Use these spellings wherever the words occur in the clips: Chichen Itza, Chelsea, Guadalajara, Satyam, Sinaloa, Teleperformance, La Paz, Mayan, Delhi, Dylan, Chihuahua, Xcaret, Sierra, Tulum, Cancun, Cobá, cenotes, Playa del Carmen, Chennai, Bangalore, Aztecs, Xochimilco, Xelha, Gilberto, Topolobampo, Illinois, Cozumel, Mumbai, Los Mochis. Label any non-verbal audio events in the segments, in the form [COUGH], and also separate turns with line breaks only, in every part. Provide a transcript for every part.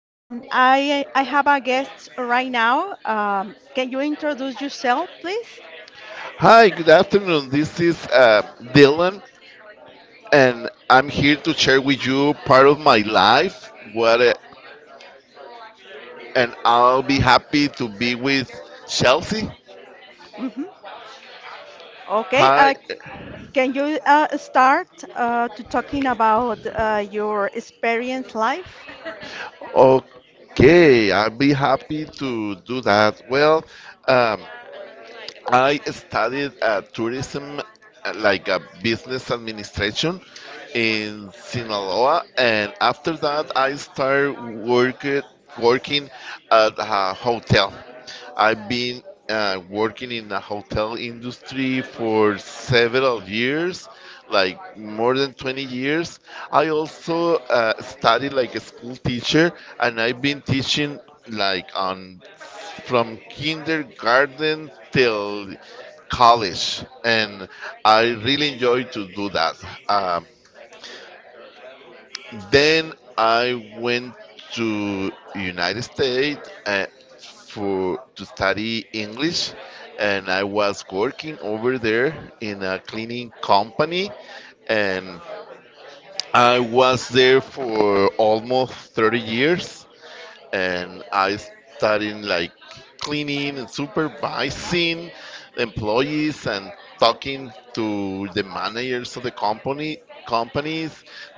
and I have a guest right now. Can you introduce yourself, please?
Hi, good afternoon. This is Dylan, and I'm here to share with you part of my life. And I'll be happy to be with Chelsea.
hmm Okay.
Hi.
Can you start to talking about your experience life?
Okay, I'll be happy to do that. Well, um, I studied tourism, like a business administration in Sinaloa, and after that, I started work, working at a hotel. I've been working in the hotel industry for several years, like more than 20 years. I also studied like a school teacher, and I've been teaching like on from kindergarten till college, and I really enjoyed to do that. Um, then I went to United States for to study English, and I was working over there in a cleaning company, and I was there for almost 30 years. And I started like cleaning and supervising employees and talking to the managers of the company companies,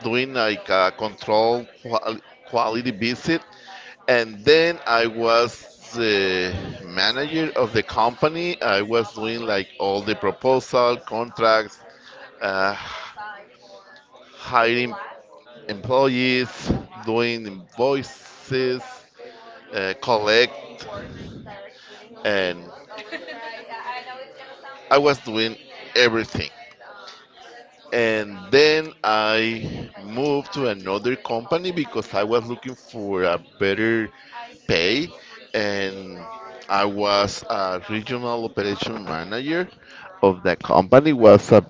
doing like a control quality visit, and then I was the manager of the company. I was doing like all the proposal contracts. Uh, Hiring employees, doing invoices, collect, and I was doing everything. And then I moved to another company because I was looking for a better pay, and I was a regional operation manager of that company. Was a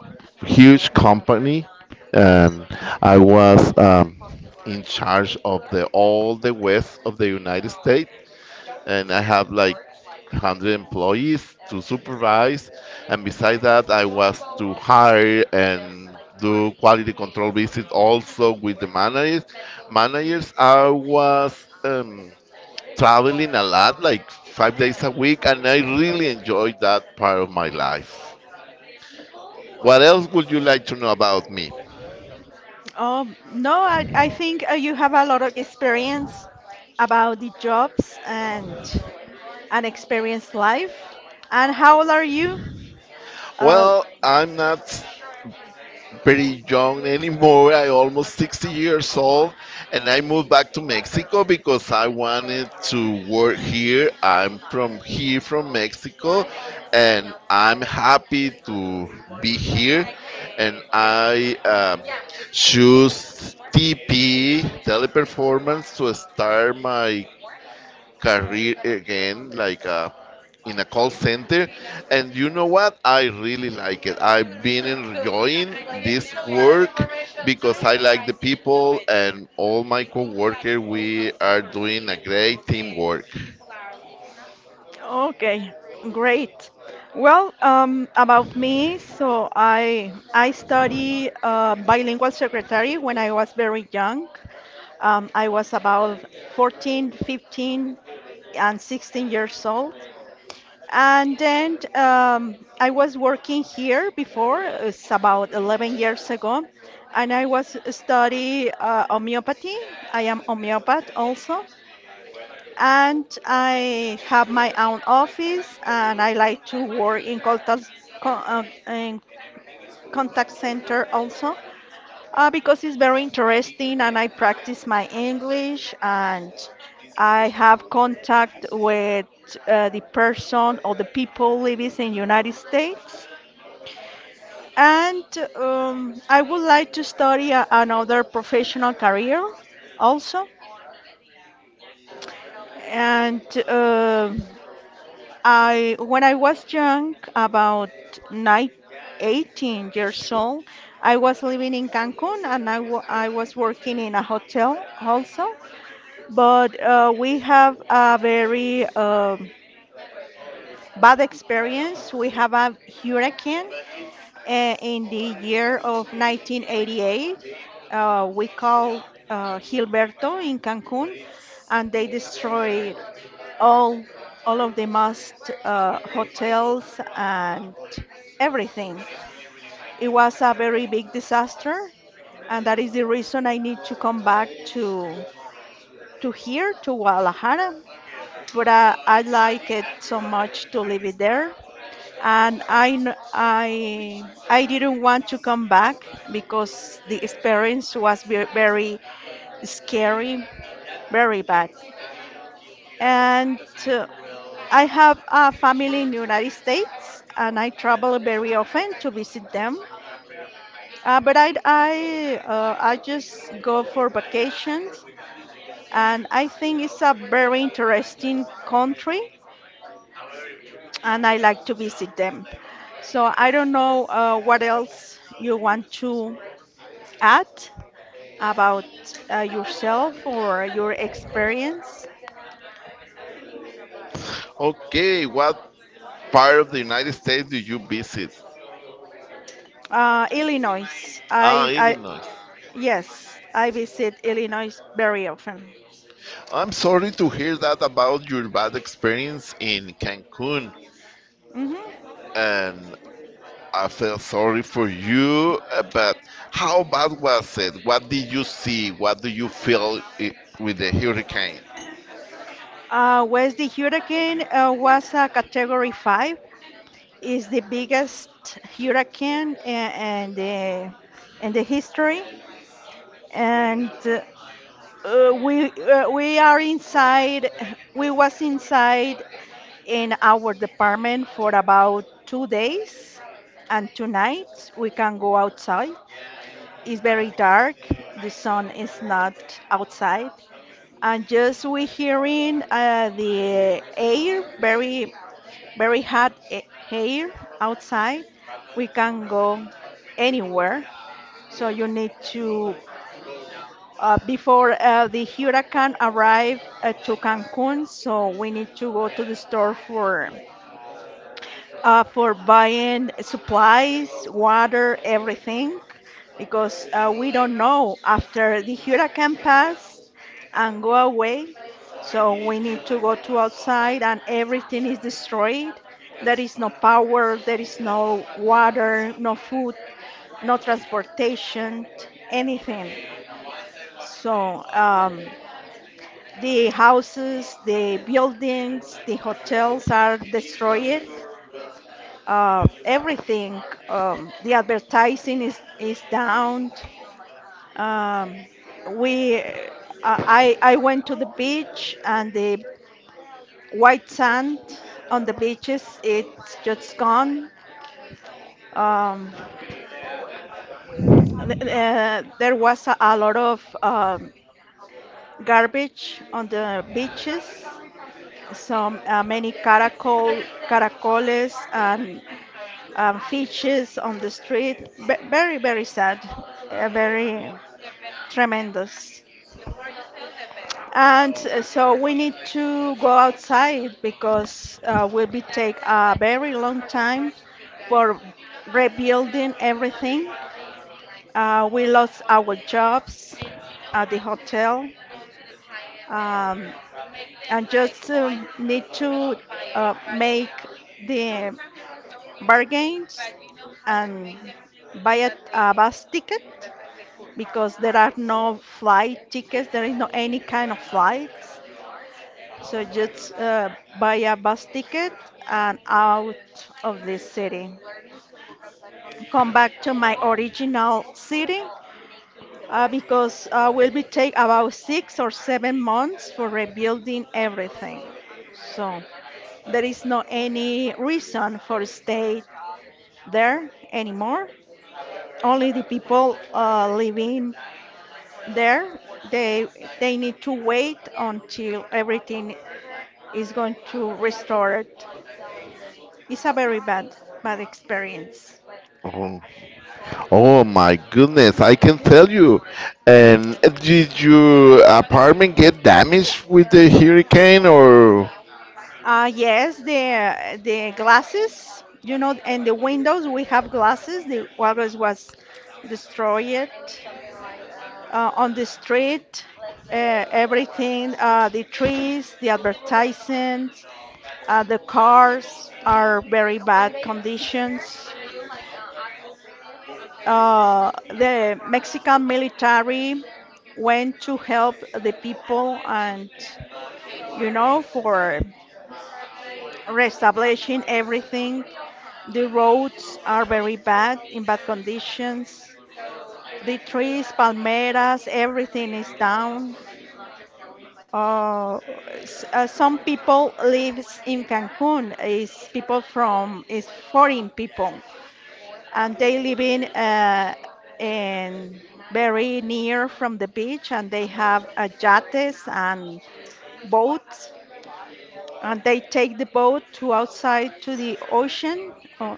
huge company, and I was in charge of the all the west of the United States, and I have like 100 employees to supervise. And besides that, I was to hire and do quality control visits also with the managers. Managers, I was traveling a lot, like five days a week, and I really enjoyed that part of my life. What else would you like to know about me?
Oh, no, I think you have a lot of experience about the jobs and an experienced life. And how old are you? Uh,
Well, I'm not very young anymore. I almost 60 years old, and I moved back to Mexico because I wanted to work here. I'm from here, from Mexico, and I'm happy to be here. And I choose TP Teleperformance to start my career again, like in a call center. And you know what? I really like it. I've been enjoying this work because I like the people and all my coworkers. We are doing a great teamwork.
Okay, great. Well, about me, so I study bilingual secretary when I was very young. I was about 14, 15, and 16 years old. And then I was working here before, it's about 11 years ago, and I was study homeopathy. I am homeopath also and I have my own office and I like to work in con- uh, in contact center also because it's very interesting and I practice my English and I have contact with the person or the people living in United States. And I would like to study another professional career also. And um I when I was young, about nine, 18 years old, I was living in Cancun and I was working in a hotel also. But we have a very bad experience. We have a hurricane in the year of 1988. We call Gilberto in Cancun, and they destroy all all of the must hotels and everything. It was a very big disaster, and that is the reason I need to come back to to here to Guadalajara. But I like it so much to live it there, and I kn- I didn't want to come back because the experience was very scary, very bad. And uh, I have a family in United States, and I travel very often to visit them. But I just go for vacations, and I think it's a very interesting country, and I like to visit them. So I don't know what else you want to add about yourself or your experience.
Okay, what part of the United States do you visit?
Illinois.
Ah, Illinois.
Yes, I visit Illinois very often.
I'm sorry to hear that about your bad experience in Cancun.
hmm
And I feel sorry for you, but how bad was it? What did you see? What do you feel I with the hurricane?
West the hurricane was a Category 5. Is the biggest hurricane in the history, and we are inside. We was inside in our department for about 2 days, and two nights. We can go outside. It's very dark. The sun is not outside, and just we hearing the air very very hot air outside we can go anywhere, so you need to before the hurricane arrive to cancun, so we need to go to the store for buying supplies, water, everything, because we don't know after the hurricane pass and go away. So we need to go to outside, and everything is destroyed. There is no power, there is no water, no food, no transportation, anything. So the houses, the buildings, the hotels are destroyed everything. The advertising is down. Um, we, uh, I went to the beach and the white sand on the beaches it's just gone. Um, there was a lot of garbage on the beaches. Some many caracoles and fishes on the street. Very very sad. Very. Tremendous. And so we need to go outside because will be take a very long time for rebuilding everything. We lost our jobs at the hotel, um, and just need to make the bargains and buy a bus ticket because there are no flight tickets. There is no any kind of flights. So just buy a bus ticket and out of this city. Come back to my original city because will be take about 6 or 7 months for rebuilding everything. So there is no any reason for stay there anymore. Only the people living there they they need to wait until everything is going to restore it. It's a very bad, bad experience.
Oh. Oh my goodness, I can tell you. And did your apartment get damaged with the hurricane, or
Yes, the glasses, you know, and the windows. We have glasses. The walrus was destroyed on the street. Everything, the trees, the advertisements, the cars are very bad conditions. The Mexican military went to help the people and you know for reestablishing everything. The roads are very bad, in bad conditions. The trees, palmeras, everything is down. Uh, some people lives in Cancun. Is people from is foreign people, and they live in in very near from the beach, and they have yachts and boats, and they take the boat to outside to the ocean, uh,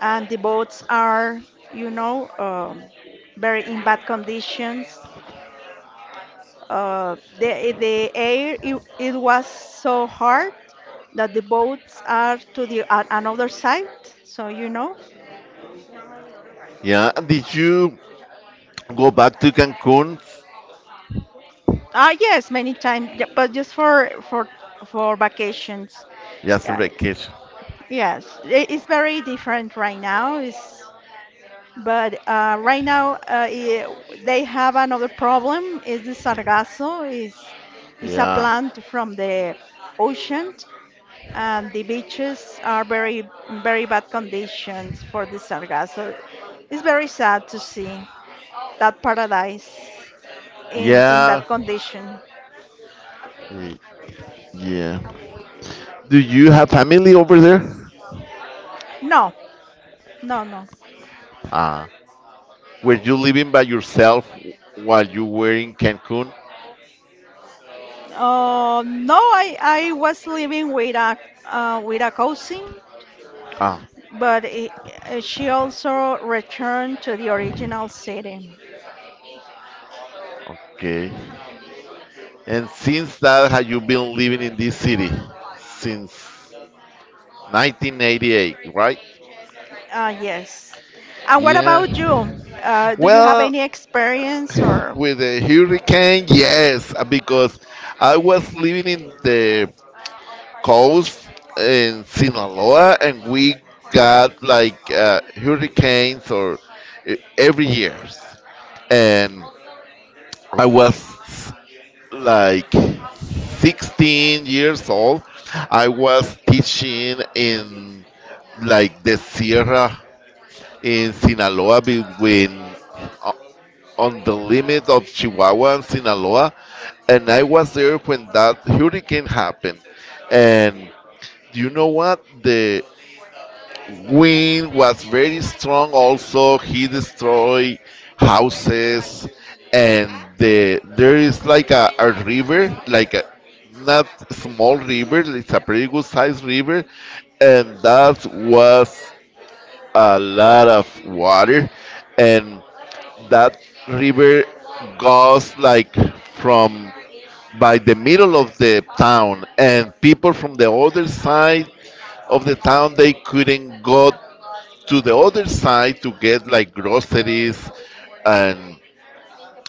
and the boats are, you know, very in bad conditions. The air it was so hard that the boats are to the another side. So you know,
yeah, did you go back to Cancun?
ah yes, many times, yeah, but just for vacations.
Yeah, for
Yeah,
vacation.
yes, it's very different right now. It's But right now, they have another problem. Is the sargasso is a
Yeah.
plant from the ocean, and the beaches are very very bad conditions for the sargasso. It's very sad to see that paradise in that
Yeah.
condition.
Y- Yeah. Do you have family over there?
No, no, no.
Ah. Were you living by yourself while you were in Cancun?
No, I was living with a cousin.
Ah,
But I she also returned to the original city.
okay. And since that, have you been living in this city? Since 1988, right?
Yes. And what
Yeah.
about you? Do you have
Well,
any experience or?
with the hurricane, yes, because I was living in the coast in Sinaloa, and we got like hurricanes or every years. And I was like 16 years old. I was teaching in like the Sierra in Sinaloa between o- on the limit of Chihuahua and Sinaloa, and I was there when that hurricane happened, and you know what? The wind was very strong. Also, he destroyed houses, and the there is like a river, like a not small river. It's a pretty good sized river, and that was a lot of water, and that river goes like from by the middle of the town, and people from the other side of the town they couldn't go to the other side to get like groceries and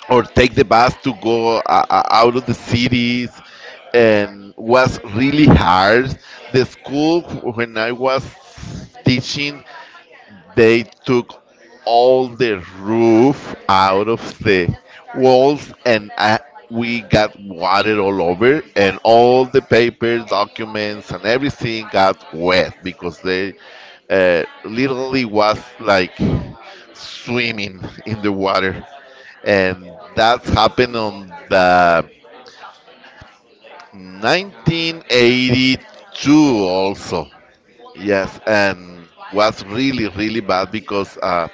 or take the bus to go out of the cities, and was really hard. The school when I was teaching, they took all the roof out of the walls, and I, we got water all over, and all the papers, documents, and everything got wet because they literally was like swimming in the water, and that happened on the 1982 also. Yes, and was really really bad because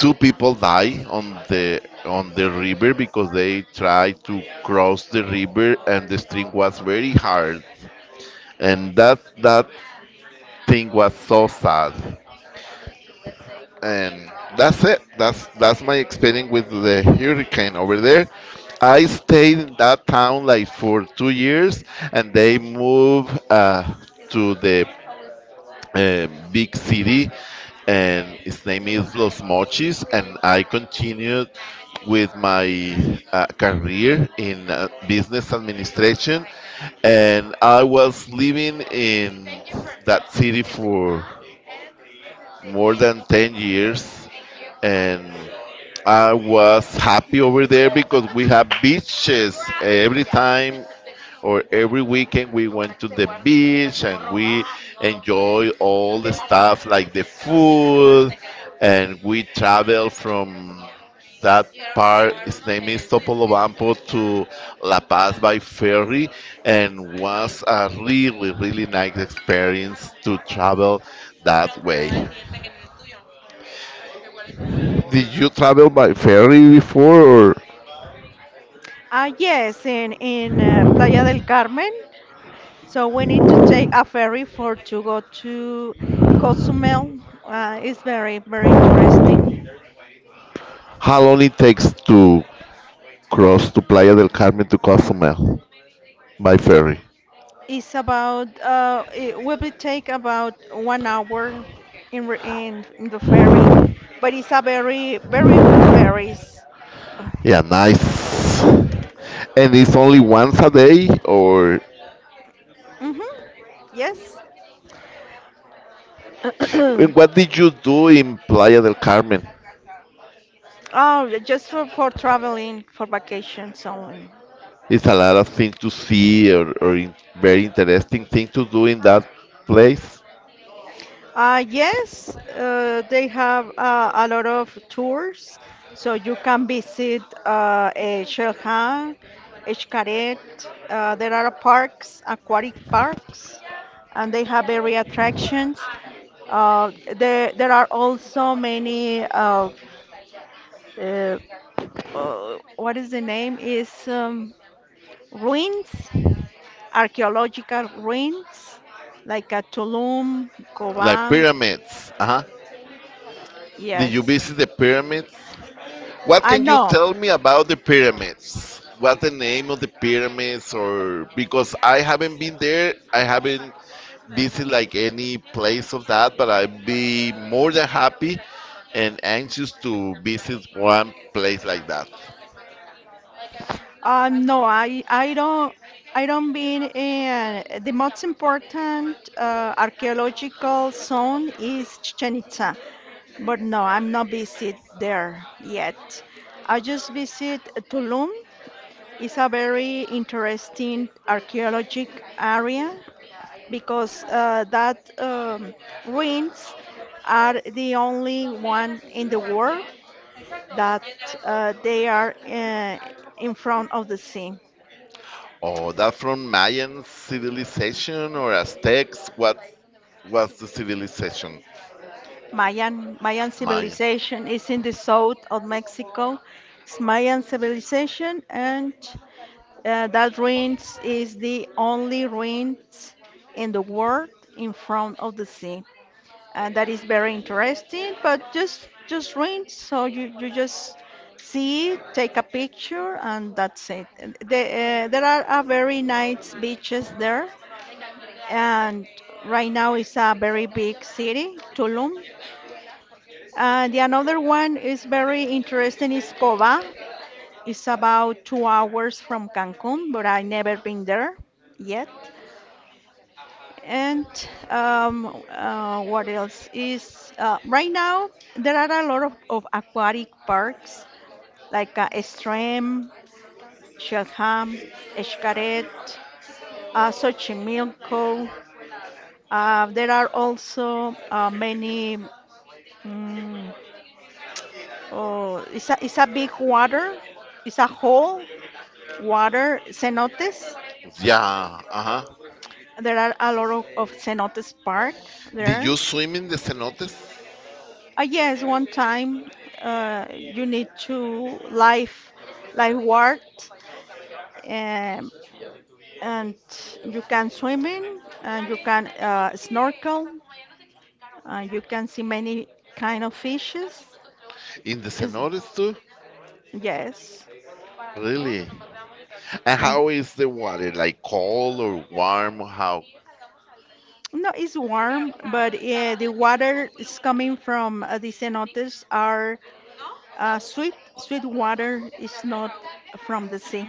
two people die on the river because they tried to cross the river and the stream was very hard. And that thing was so sad. And that's it. That's my experience with the hurricane over there. I stayed in that town like for two years, and they moved to the big city, and its name is Los Mochis. And I continued with my career in business administration, and I was living in that city for more than 10 years, and I was happy over there because we have beaches every time or every weekend we went to the beach and we enjoy all the stuff like the food and we travel from that part its name is Topolobampo to La Paz by ferry and was a really really nice experience to travel that way. Did you travel by ferry before, or
Yes, in Playa del Carmen. So we need to take a ferry for to go to Cozumel. It's very very interesting.
how long it takes to cross to Playa del Carmen to Cozumel by ferry?
It's about it will be take about 1 hour in, re- in the ferry, but it's a very very good ferries.
Yeah, nice. And it's only once a day, or
Mm-hmm. Yes.
and what
[COUGHS] [CLEARS THROAT]
did you do in Playa del Carmen?
Oh, just for traveling for vacations only.
It's a lot of things to see, or in, very interesting thing to do in that place,
Yes, they have a lot of tours, so you can visit Xelha, Xcaret. There are parks, aquatic parks, and they have area attractions. There are also many, uh, what is the name? Is ruins, archaeological ruins, like at Tulum,
like
Cobá.
pyramids. Uh huh. Did you
Yes.
visit the pyramids? What
I
can you
no,
tell me about the pyramids? What's the name of the pyramids? Or because I haven't been there, I haven't visited like any place of that, but I'd be more than happy and anxious to visit one place like that.
No, I don't been in the most important archaeological zone is Chichen Itza, but no, I'm not visit there yet. I just visit Tulum. It's a very interesting archaeologic area because that ruins are the only one in the world that they are in front of the sea.
Oh, that from Mayan civilization or Aztecs? What was the civilization?
Mayan
Mayan.
civilization is in the south of Mexico. It's Mayan civilization, and that ruins is the only ruins in the world in front of the sea. And that is very interesting, but just ruins. So you just see, it, take a picture, and that's it. And there are a very nice beaches there and right now it's a very big city, Tulum. And the another one is very interesting is Cova. It's about 2 hours from Cancun, but I never been there yet. And what else is right now? There are a lot of aquatic parks like Extreme, Shelham, Escaret, Xochimilco. There are also many Mm. Oh, it's it's a big water. It's a whole water cenotes.
Yeah, uh-huh.
There are a lot of cenotes park
Did
there.
you swim in the cenotes?
Yes, one time you need to lifeguard, um, and you can swim in and you can snorkel and you can see many kind of fishes.
In the
Is
cenotes too?
yes,
Really? And
and
how is the water? Like cold or warm? How?
No, it's warm, but yeah, the water is coming from the cenotes are sweet. Sweet water is not from the sea.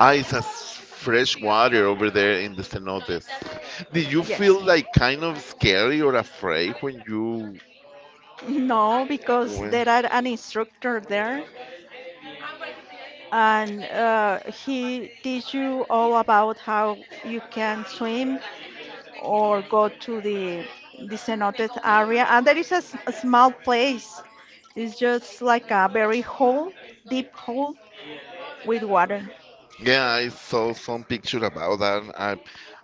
Ah, it's a s- fresh water over there in the cenotes. Did you
Yes.
feel like kind of scary or afraid when you
No, because
went?
there are an instructor there, and he teach you all about how you can swim or go to the cenote area and there is a small place it's just like a very hole deep hole with water.
Yeah, I saw some picture about that.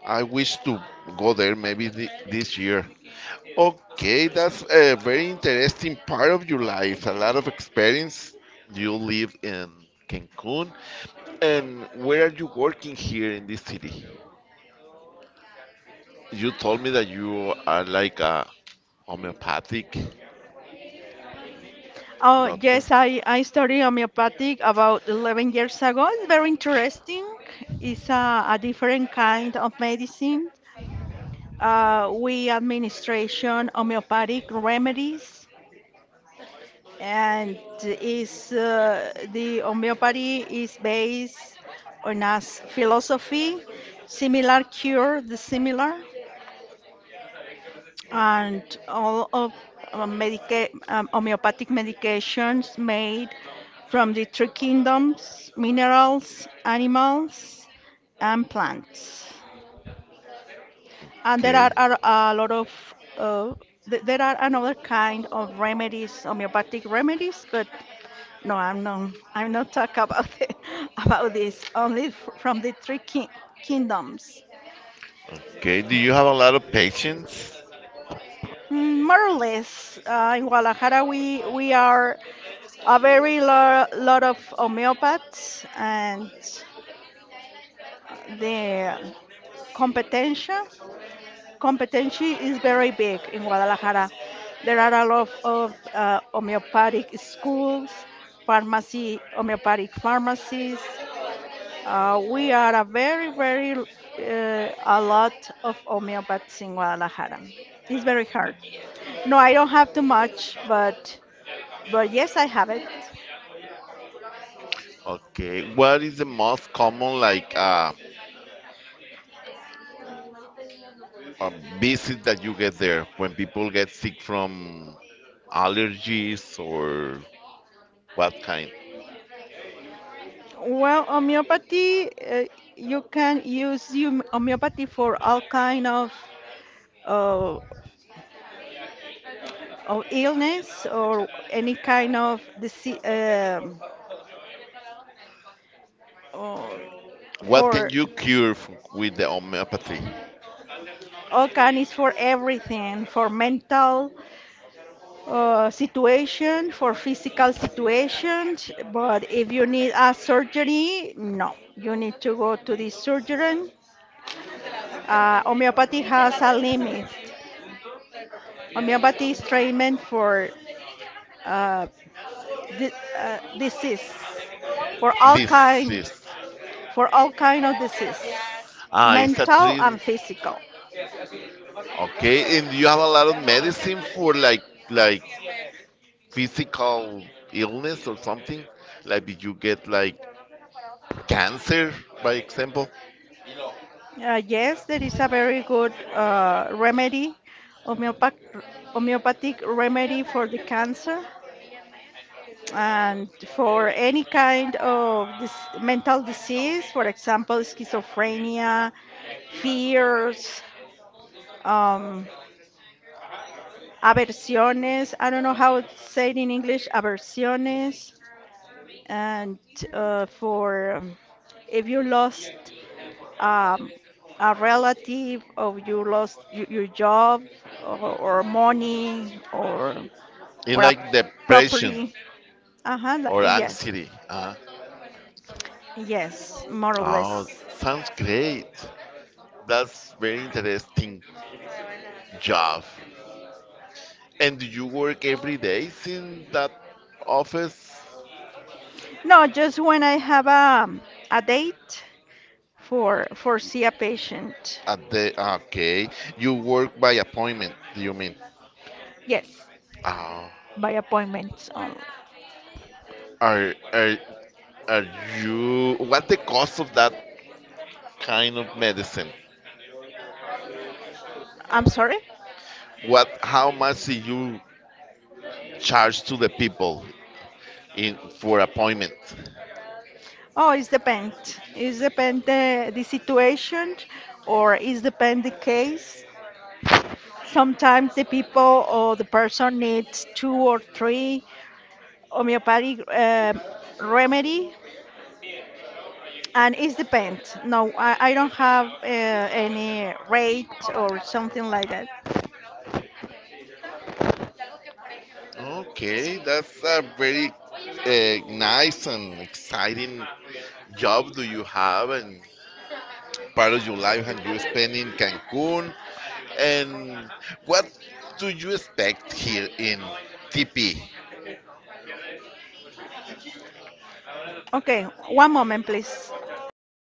I wish to go there maybe this year. Okay, that's a very interesting part of your life. A lot of experience. You live in Cancun, and where are you working here in this city? You told me that you are like a homeopathic
Oh
doctor.
yes, I studied homeopathic about 11 years ago. It's very interesting. It's a different kind of medicine. We administration homeopathic remedies and is the homeopathy is based on philosophy, similar cure the similar, and all of homeopathic medications made from the three kingdoms: minerals, animals, and plants. And
Okay.
are a lot of there are another kind of remedies, homeopathic remedies, but no, I'm not. I'm not talk about it, [LAUGHS] about this.
[LAUGHS]
Only f from the three king kingdoms.
Okay, do you have a lot of patients?
More or less, in Guadalajara we are a very lo lot of homeopaths, and the competencia competency is very big in Guadalajara. There are a lot of homeopathic schools, pharmacy, homeopathic pharmacies. We are a very, very a lot of homeopaths in Guadalajara. It's very hard. No, I don't have too much, but yes, I have it.
Okay, what is the most common like uh, visit that you get there when people get sick from allergies or what kind?
Well, homeopathy, you can use homeopathy for all kind uh, of illness or any kind of disease. Or
What
for
can you cure f with the homeopathy?
all kind is for everything, for mental, situation, for physical situations. But if you need a surgery, no, you need to go to the surgeon. Homeopathy has a limit. Homeopathy is treatment for uh, disease, for all
This
kind,
is
for all kind of disease,
ah, it's a
mental and
tree.
physical.
Okay, and you have a lot of medicine for like physical illness or something. Like did you get like cancer, by example,
Yes, there is a very good remedy, homeopath, homeopathic remedy for the cancer. And for any kind of mental disease, for example, schizophrenia, fears, um, aversiones. I don't know how to say it in English, aversiones. And for if you lost um, a relative, or you lost your job, or money,
and
or a
like depression
property. Uh huh.
or
Yes,
anxiety?
yes, more or
Oh,
less.
sounds great. That's very interesting job. And do you work every day in that office?
No, just when I have a date for see a patient.
At the ah, okay, you work by appointment. Do you mean?
Yes,
Oh,
by appointments only.
are are are you? What the cost of that kind of medicine?
I'm sorry.
What? How much do you charge to the people in for appointment?
Oh, it's depend. It's depend the situation or it's depend the case. Sometimes the people or the person needs two or three homeopathic remedy and it's depend. No, I don't have any rate or something like that.
Okay, that's a very nice and exciting job do you have and part of your life and you spend in Cancun. And what do you expect here in TP?
Okay, one moment, please. Ma